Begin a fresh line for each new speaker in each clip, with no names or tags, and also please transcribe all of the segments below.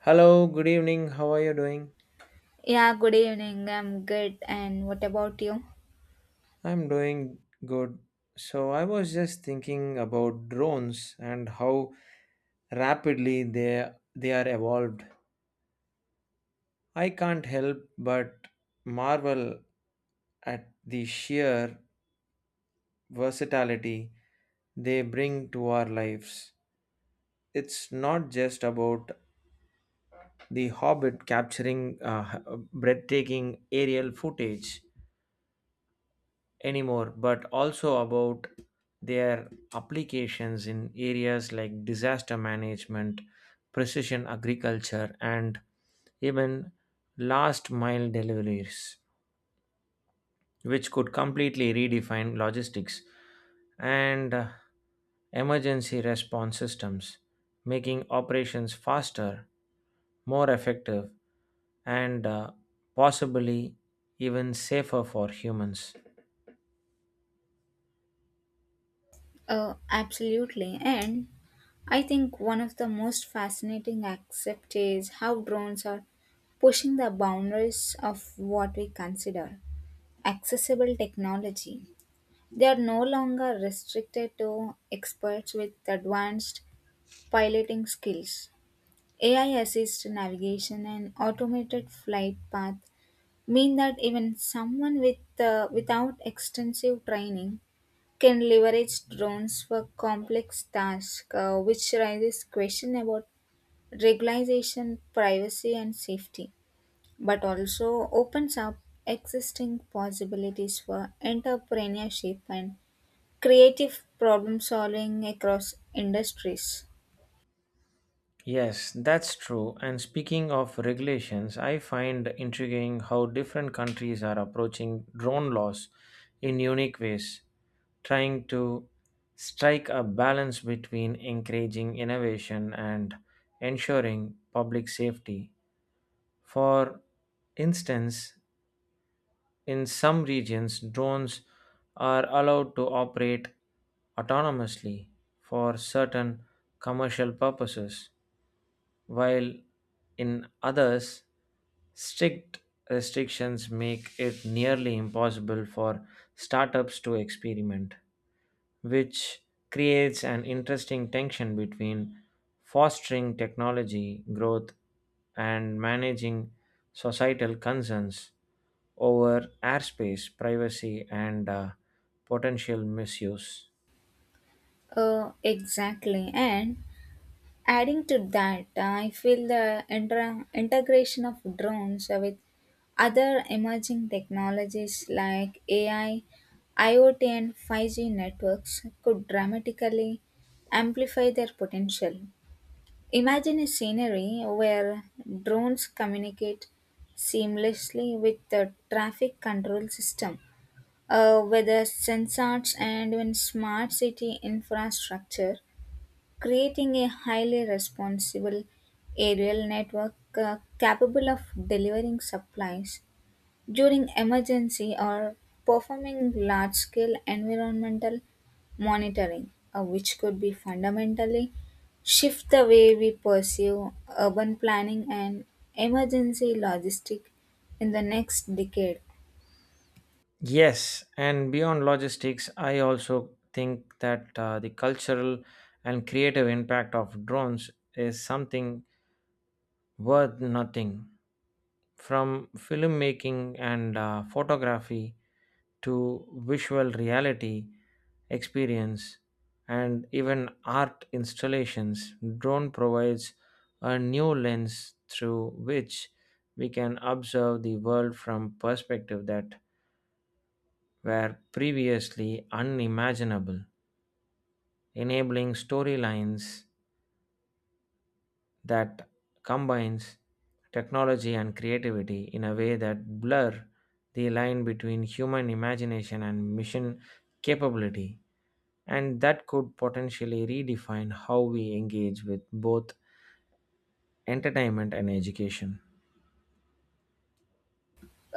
Hello, good evening. How are you doing?
Yeah, good evening. I'm good. And what about you?
I'm doing good. So, I was just thinking about drones and how rapidly they are evolved. I can't help but marvel at the sheer versatility they bring to our lives. It's not just about the hobbit capturing breathtaking aerial footage anymore, but also about their applications in areas like disaster management, precision agriculture, and even last mile deliveries, which could completely redefine logistics and emergency response systems, making operations faster, more effective, and possibly even safer for humans.
Oh, absolutely. And I think one of the most fascinating aspects is how drones are pushing the boundaries of what we consider accessible technology. They are no longer restricted to experts with advanced piloting skills. AI assist navigation and automated flight path mean that even someone without extensive training can leverage drones for complex tasks, which raises question about regularization, privacy, and safety, but also opens up existing possibilities for entrepreneurship and creative problem solving across industries.
Yes, that's true. And speaking of regulations, I find intriguing how different countries are approaching drone laws in unique ways, trying to strike a balance between encouraging innovation and ensuring public safety. For instance, in some regions, drones are allowed to operate autonomously for certain commercial purposes while in others, strict restrictions make it nearly impossible for startups to experiment, which creates an interesting tension between fostering technology growth and managing societal concerns over airspace, privacy, and potential misuse.
Exactly. And adding to that, I feel the integration of drones with other emerging technologies like AI, IoT, and 5G networks could dramatically amplify their potential. Imagine a scenery where drones communicate seamlessly with the traffic control system, with the sensors and even smart city infrastructure, creating a highly responsible aerial network capable of delivering supplies during emergency or performing large scale environmental monitoring, which could be fundamentally shift the way we pursue urban planning and emergency logistic in the next decade.
Yes, and beyond logistics, I also think that the cultural and creative impact of drones is something worth nothing. From filmmaking and photography to visual reality experience and even art installations, drone provides a new lens through which we can observe the world from perspective that were previously unimaginable, enabling storylines that combines technology and creativity in a way that blur the line between human imagination and mission capability and that could potentially redefine how we engage with both entertainment and education.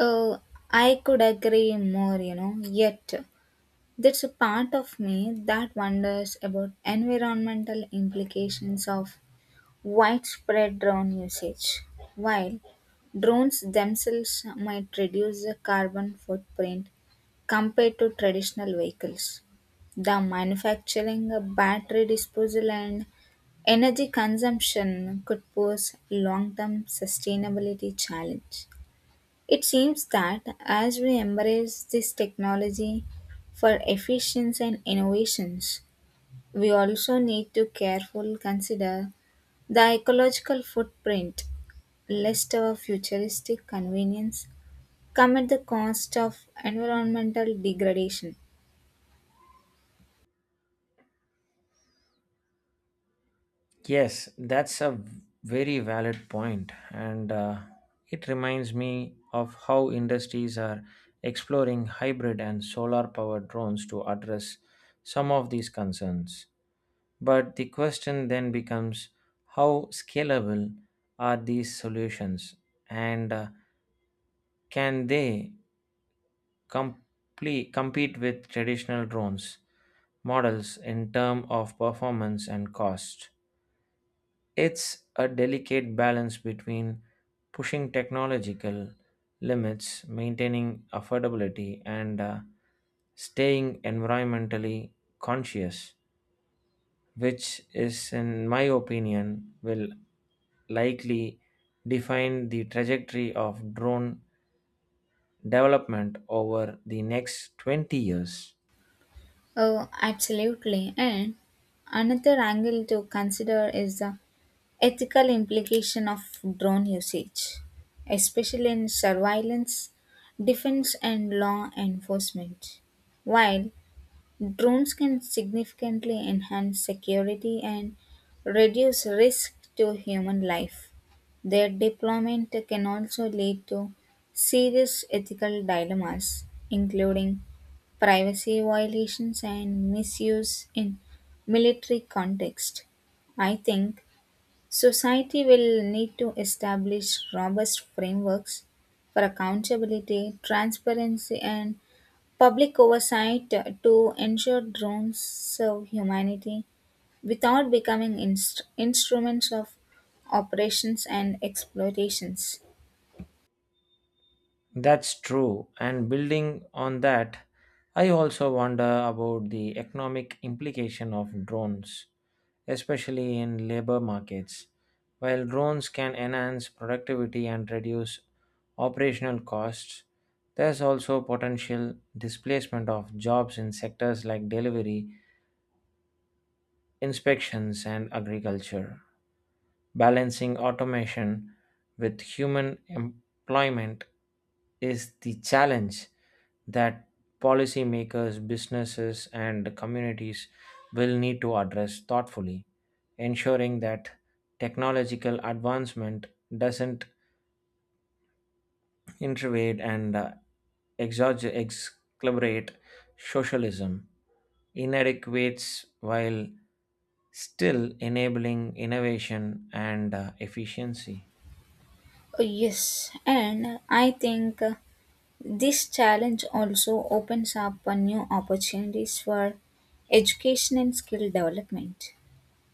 Uh, I could agree more, you know, yet. There's a part of me that wonders about environmental implications of widespread drone usage. While drones themselves might reduce the carbon footprint compared to traditional vehicles, the manufacturing, battery disposal, and energy consumption could pose long term sustainability challenge. It seems that as we embrace this technology for efficiency and innovations, we also need to carefully consider the ecological footprint, lest our futuristic convenience come at the cost of environmental degradation.
Yes, that's a very valid point, and it reminds me of how industries are exploring hybrid and solar powered drones to address some of these concerns. But the question then becomes how scalable are these solutions, and can they compete with traditional drones models in terms of performance and cost? It's a delicate balance between pushing technological limits, maintaining affordability, and staying environmentally conscious, which is, in my opinion, will likely define the trajectory of drone development over the next 20 years.
Oh, absolutely. And another angle to consider is the ethical implication of drone usage, especially in surveillance, defense, and law enforcement. While drones can significantly enhance security and reduce risk to human life, their deployment can also lead to serious ethical dilemmas, including privacy violations and misuse in military context. I think society will need to establish robust frameworks for accountability, transparency, and public oversight to ensure drones serve humanity without becoming instruments of operations and exploitations.
That's true. And building on that, I also wonder about the economic implication of drones, especially in labor markets. While drones can enhance productivity and reduce operational costs, there's also potential displacement of jobs in sectors like delivery, inspections, and agriculture. Balancing automation with human employment is the challenge that policymakers, businesses, and communities will need to address thoughtfully, ensuring that technological advancement doesn't intervade and exacerbate socialism inadequates while still enabling innovation and efficiency.
Yes, and I think this challenge also opens up new opportunities for education and skill development.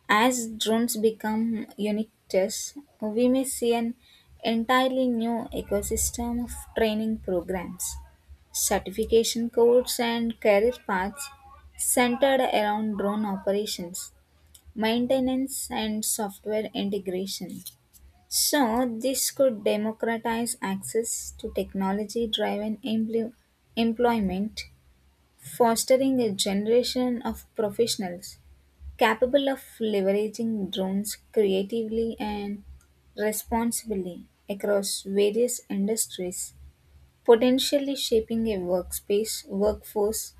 As drones become unique tests, we may see an entirely new ecosystem of training programs, certification codes, and career paths centered around drone operations, maintenance, and software integration. So, this could democratize access to technology driven employment, fostering a generation of professionals capable of leveraging drones creatively and responsibly across various industries, potentially shaping a workspace workforce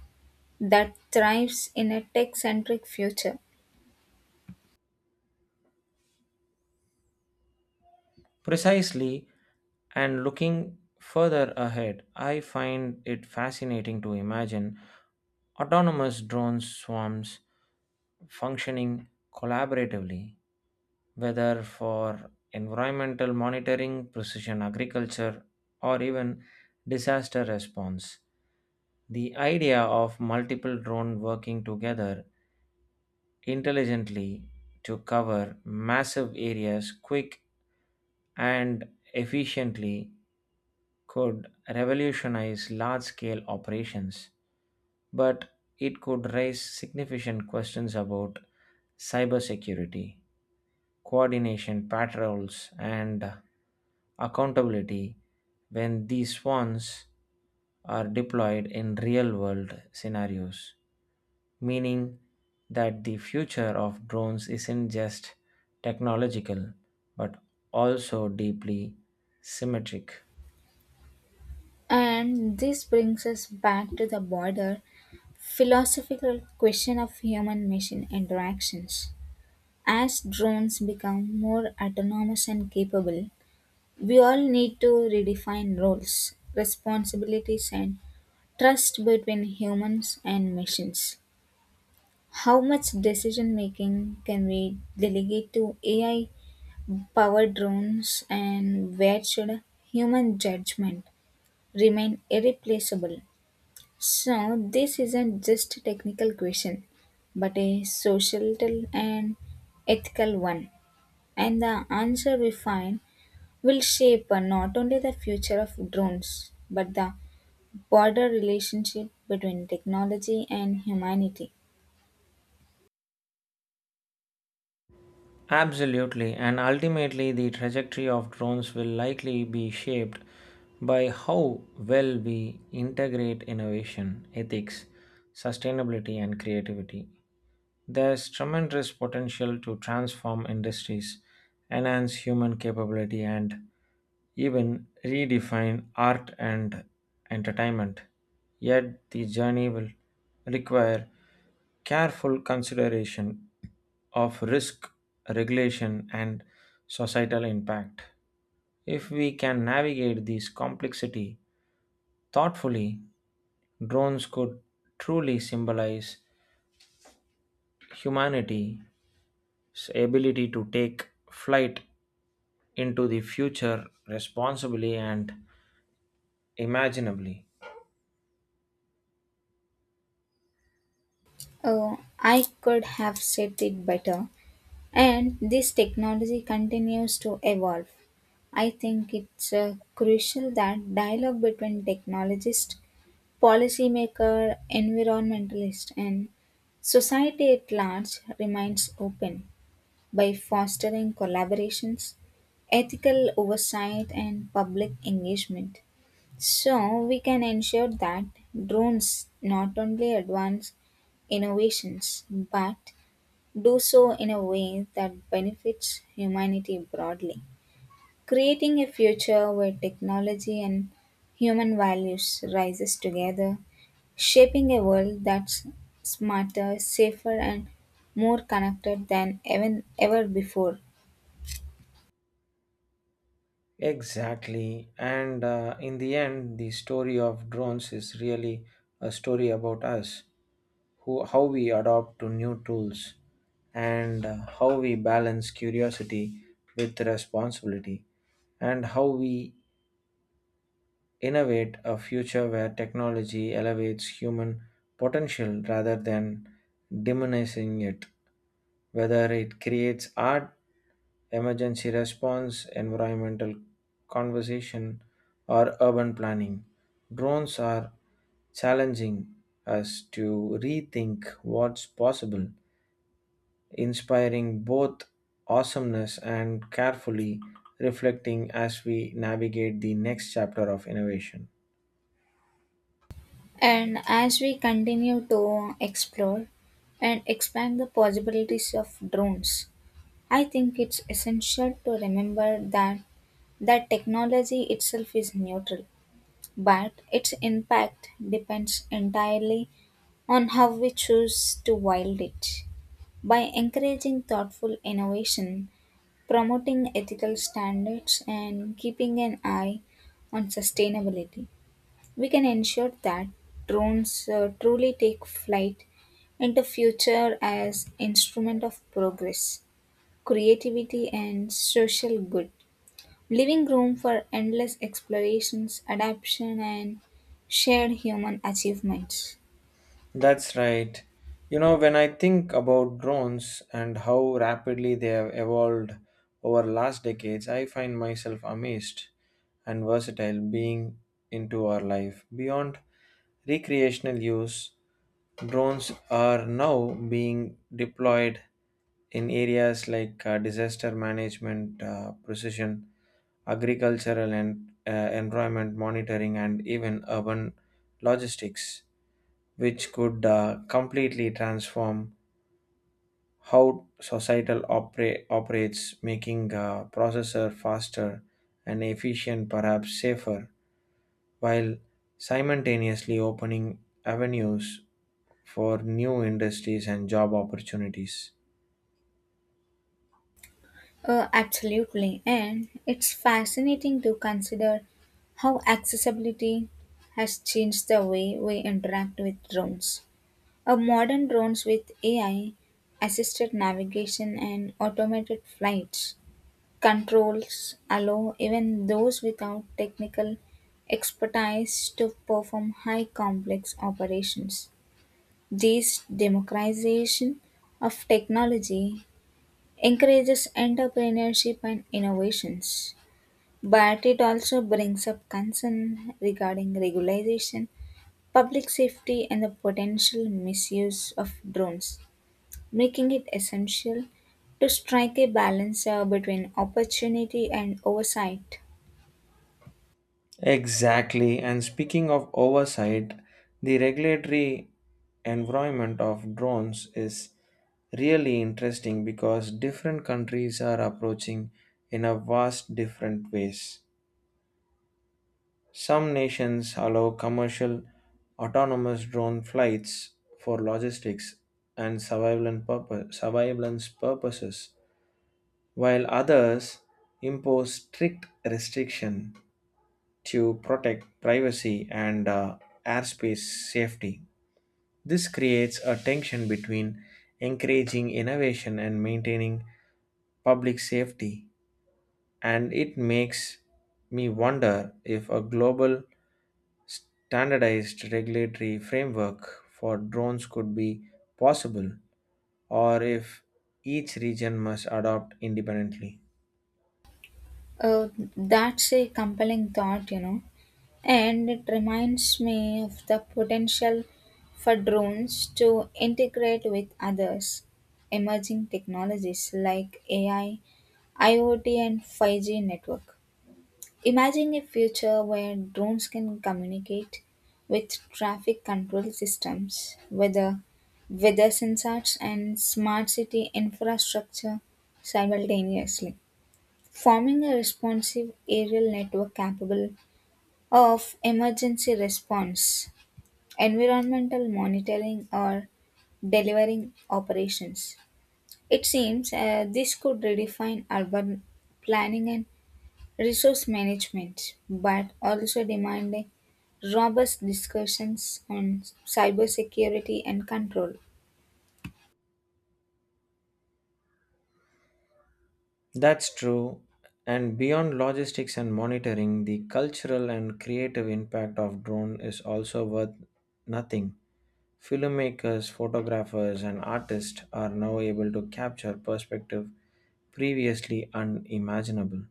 that thrives in a tech centric future.
Precisely, and looking further ahead, I find it fascinating to imagine autonomous drone swarms functioning collaboratively, whether for environmental monitoring, precision agriculture, or even disaster response. The idea of multiple drones working together intelligently to cover massive areas quick and efficiently could revolutionize large scale operations, but it could raise significant questions about cybersecurity, coordination, patrols, and accountability when these swans are deployed in real world scenarios, meaning that the future of drones isn't just technological but also deeply symmetric.
And this brings us back to the broader philosophical question of human machine interactions. As drones become more autonomous and capable, we all need to redefine roles, responsibilities, and trust between humans and machines. How much decision making can we delegate to AI powered drones, and where should human judgment remain irreplaceable? So, this isn't just a technical question, but a societal and ethical one. And the answer we find will shape not only the future of drones but the broader relationship between technology and humanity.
Absolutely, and ultimately, the trajectory of drones will likely be shaped by how well we integrate innovation, ethics, sustainability, and creativity. There's tremendous potential to transform industries, enhance human capability, and even redefine art and entertainment. Yet the journey will require careful consideration of risk, regulation, and societal impact. If we can navigate this complexity thoughtfully, drones could truly symbolize humanity ability to take flight into the future responsibly and imaginably.
Oh, I could have said it better. And this technology continues to evolve. I think it's crucial that dialogue between technologists, policymaker, environmentalist, and society at large remains open, by fostering collaborations, ethical oversight, and public engagement. So, we can ensure that drones not only advance innovations but do so in a way that benefits humanity broadly, creating a future where technology and human values rises together, shaping a world that's smarter, safer, and more connected than even ever before.
Exactly. And in the end, the story of drones is really a story about us, who how we adopt to new tools, and how we balance curiosity with responsibility, and how we innovate a future where technology elevates human potential rather than diminishing it, whether it creates art, emergency response, environmental conversation, or urban planning. Drones are challenging us to rethink what's possible, inspiring both awesomeness and carefully reflecting as we navigate the next chapter of innovation.
And as we continue to explore and expand the possibilities of drones, I think it's essential to remember that technology itself is neutral, but its impact depends entirely on how we choose to wield it. By encouraging thoughtful innovation, promoting ethical standards, and keeping an eye on sustainability, we can ensure that drones truly take flight into future as instrument of progress, creativity and social good, leaving room for endless explorations, adaptation and shared human achievements.
That's right. You know, when I think about drones and how rapidly they have evolved over last decades, I find myself amazed and versatile being into our life. Beyond recreational use, drones are now being deployed in areas like disaster management, precision, agricultural and environment monitoring, and even urban logistics which could completely transform how societal operates, making a processor faster and efficient, perhaps safer, while simultaneously opening avenues for new industries and job opportunities.
Absolutely, and it's fascinating to consider how accessibility has changed the way we interact with drones. A modern drones with AI assisted navigation and automated flights controls allow even those without technical expertise to perform high complex operations. This democratization of technology encourages entrepreneurship and innovations, but it also brings up concern regarding regulation, public safety, and the potential misuse of drones, making it essential to strike a balance between opportunity and oversight.
Exactly. And speaking of oversight, the regulatory environment of drones is really interesting because different countries are approaching in a vast different ways. Some nations allow commercial autonomous drone flights for logistics and surveillance, surveillance purposes, while others impose strict restriction to protect privacy and airspace safety. This creates a tension between encouraging innovation and maintaining public safety, and it makes me wonder if a global standardized regulatory framework for drones could be possible or if each region must adopt independently.
Uh, that's a compelling thought, you know, and it reminds me of the potential for drones to integrate with others. Emerging technologies like AI, IoT, and 5G network. Imagine a future where drones can communicate with traffic control systems, weather sensors, and smart city infrastructure simultaneously, forming a responsive aerial network capable of emergency response, environmental monitoring, or delivering operations. It seems this could redefine urban planning and resource management, but also demanding robust discussions on cybersecurity and control.
That's true. And beyond logistics and monitoring, the cultural and creative impact of drone is also worth nothing. Filmmakers, photographers, and artists are now able to capture perspective previously unimaginable,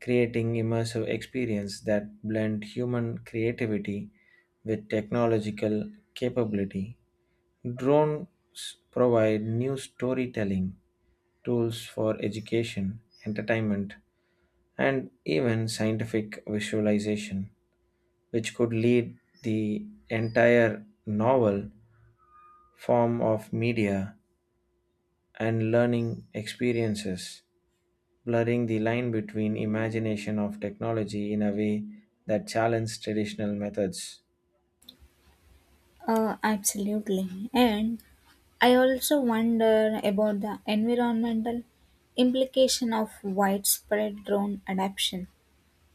creating immersive experience that blend human creativity with technological capability. Drones provide new storytelling tools for education, entertainment, and even scientific visualization, which could lead the entire novel form of media and learning experiences, blurring the line between imagination of technology in a way that challenge traditional methods.
Absolutely. And I also wonder about the environmental implication of widespread drone adoption.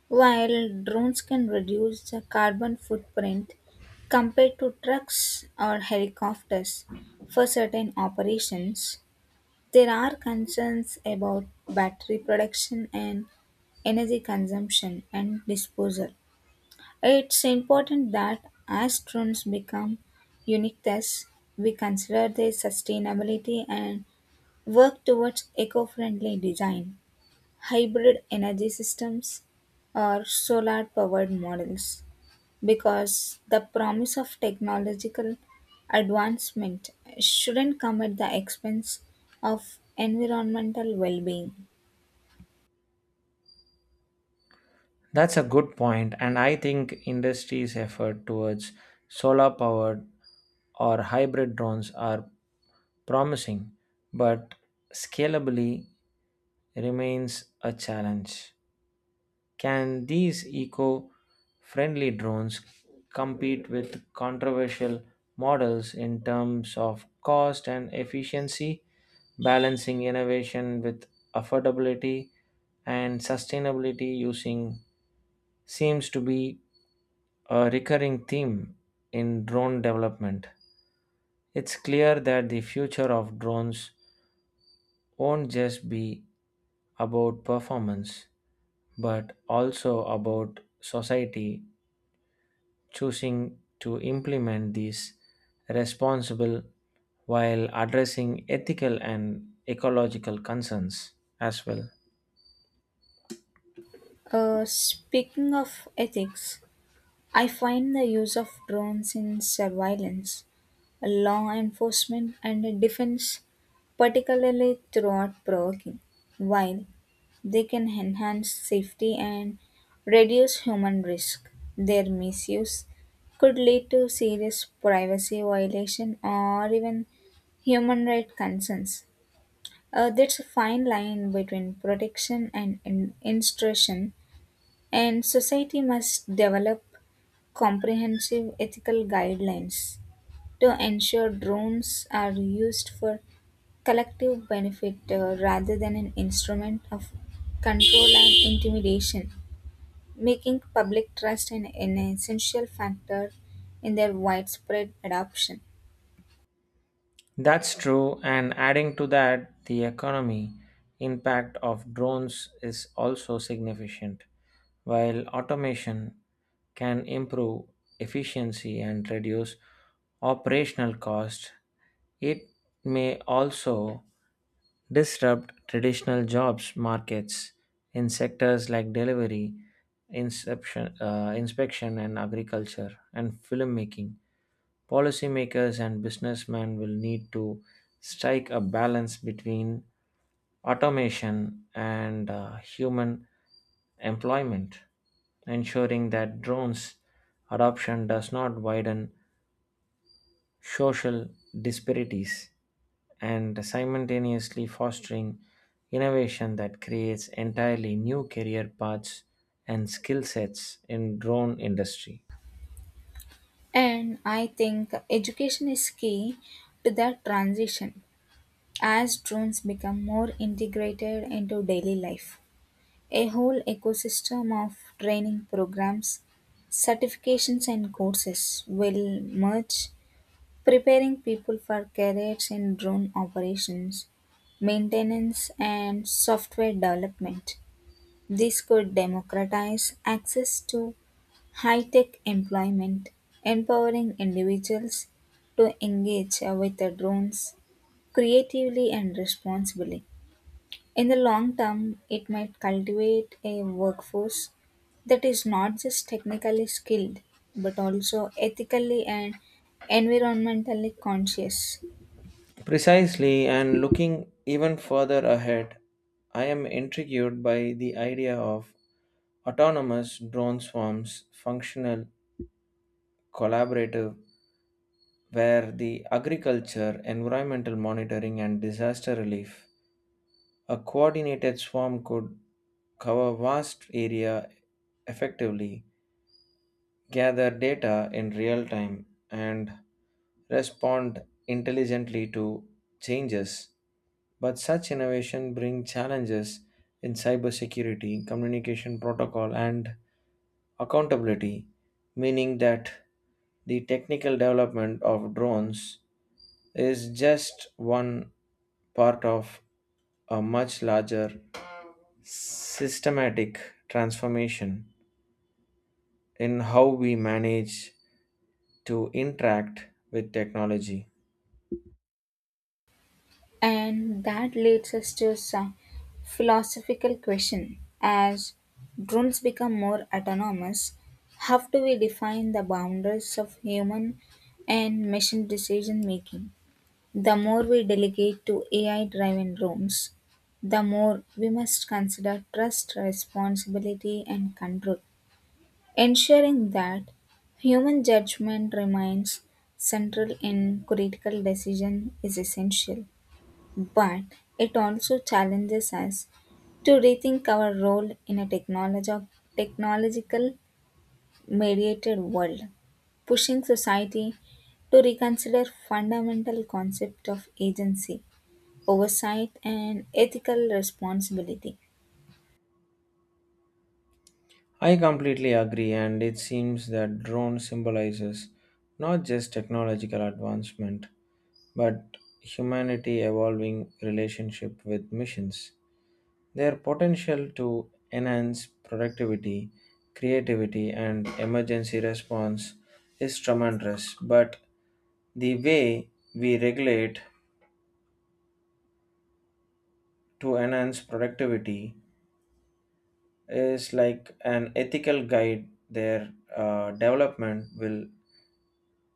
While drones can reduce the carbon footprint compared to trucks or helicopters for certain operations, there are concerns about battery production and energy consumption and disposal. It's important that as drones become unique tests, we consider their sustainability and work towards eco friendly design hybrid energy systems or solar powered models, because the promise of technological advancement shouldn't come at the expense of environmental well being.
That's a good point, and I think industry's effort towards solar powered or hybrid drones are promising, but scalably remains a challenge. Can these eco friendly drones compete with controversial models in terms of cost and efficiency, balancing innovation with affordability and sustainability using seems to be a recurring theme in drone development. It's clear that the future of drones won't just be about performance, but also about society choosing to implement these responsible while addressing ethical and ecological concerns as well.
Speaking of ethics, I find the use of drones in surveillance law enforcement, and defense, particularly throughout provoking, while they can enhance safety and reduce human risk. Their misuse could lead to serious privacy violation or even human rights concerns. There's a fine line between protection and instruction, and society must develop comprehensive ethical guidelines to ensure drones are used for collective benefit rather than an instrument of control and intimidation, making public trust an essential factor in their widespread adoption.
That's true, and adding to that, the economy impact of drones is also significant. While automation can improve efficiency and reduce operational cost, it may also disrupt traditional jobs markets in sectors like delivery, inspection, and agriculture and filmmaking. Policymakers and businessmen will need to strike a balance between automation and human employment, ensuring that drones' adoption does not widen social disparities and simultaneously fostering innovation that creates entirely new career paths and skill sets in drone industry.
And I think education is key to that transition as drones become more integrated into daily life. A whole ecosystem of training programs, certifications, and courses will merge, preparing people for careers in drone operations, maintenance, and software development. This could democratize access to high tech employment, empowering individuals to engage with the drones creatively and responsibly. In the long term, it might cultivate a workforce that is not just technically skilled, but also ethically and environmentally conscious.
Precisely, and looking even further ahead, I am intrigued by the idea of autonomous drone swarms functional collaborative where the agriculture environmental monitoring and disaster relief a coordinated swarm could cover vast area effectively, gather data in real time, and respond intelligently to changes. But such innovation brings challenges in cybersecurity, communication protocol, and accountability, meaning that the technical development of drones is just one part of a much larger systematic transformation in how we manage to interact with technology.
And that leads us to some philosophical question. As drones become more autonomous, how do we define the boundaries of human and machine decision making? The more we delegate to AI driven rooms, the more we must consider trust, responsibility, and control, ensuring that human judgment remains central in critical decision is essential, but it also challenges us to rethink our role in a technological mediated world, pushing society to reconsider fundamental concept of agency oversight and ethical responsibility.
I completely agree, and it seems that drone symbolizes not just technological advancement but humanity evolving relationship with missions. Their potential to enhance productivity, creativity, and emergency response is tremendous, but the way we regulate to enhance productivity is like an ethical guide. Their development will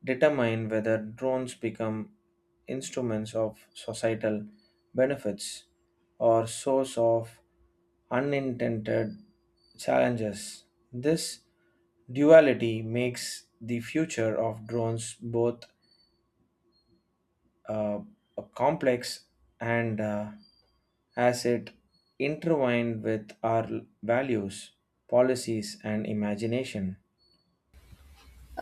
determine whether drones become instruments of societal benefits or source of unintended challenges. This duality makes the future of drones both uh, complex and as it intertwined with our values, policies, and imagination.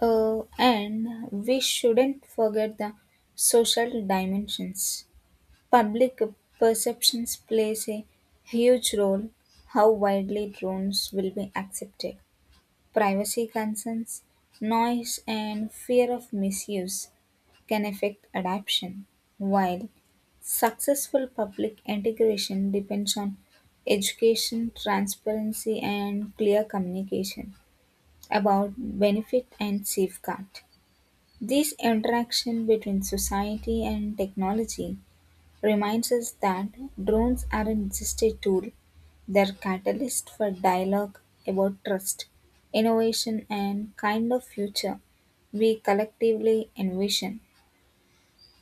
And we shouldn't forget the social dimensions. Public perceptions plays a huge role how widely drones will be accepted. Privacy concerns, noise and fear of misuse can affect adoption, while successful public integration depends on education, transparency and clear communication about benefit and safeguard. This interaction between society and technology reminds us that drones aren't just a tool, they're catalyst for dialogue about trust, innovation, and kind of future we collectively envision.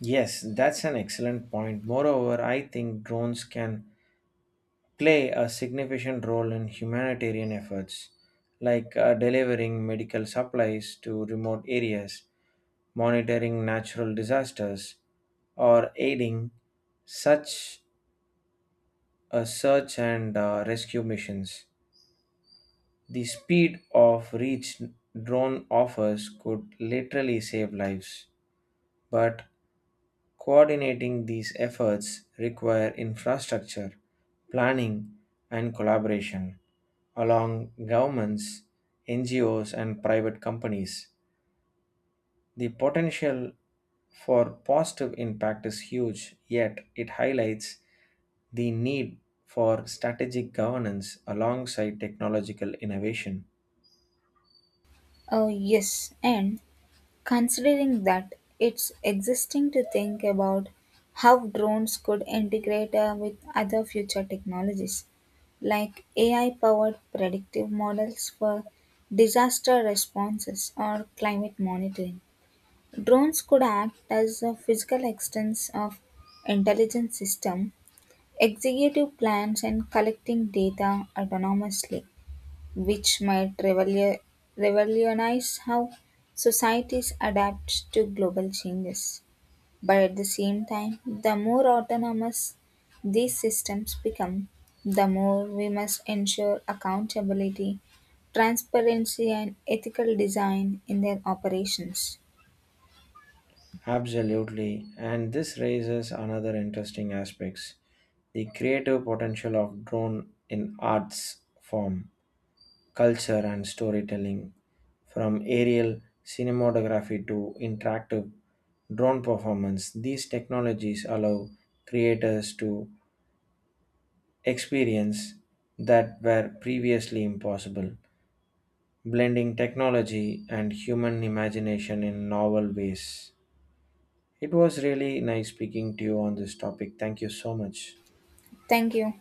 Yes, that's an excellent point. Moreover, I think drones can play a significant role in humanitarian efforts, like delivering medical supplies to remote areas, monitoring natural disasters, or aiding such search and rescue missions. The speed of reach drone offers could literally save lives, but coordinating these efforts require infrastructure, planning, and collaboration along governments, NGOs, and private companies. The potential for positive impact is huge, yet it highlights the need for strategic governance alongside technological innovation.
Oh, yes, and considering that, it's existing to think about how drones could integrate with other future technologies, like AI powered predictive models for disaster responses or climate monitoring. Drones could act as a physical extension of intelligence system, executive plans and collecting data autonomously, which might revolutionize how societies adapt to global changes. But at the same time, the more autonomous these systems become, the more we must ensure accountability, transparency, and ethical design in their operations.
Absolutely. And this raises another interesting aspects, the creative potential of drone in arts form, culture and storytelling, from aerial cinematography to interactive drone performance. These technologies allow creators to experience that were previously impossible, blending technology and human imagination in novel ways. It was really nice speaking to you on this topic. Thank you so much.
Thank you.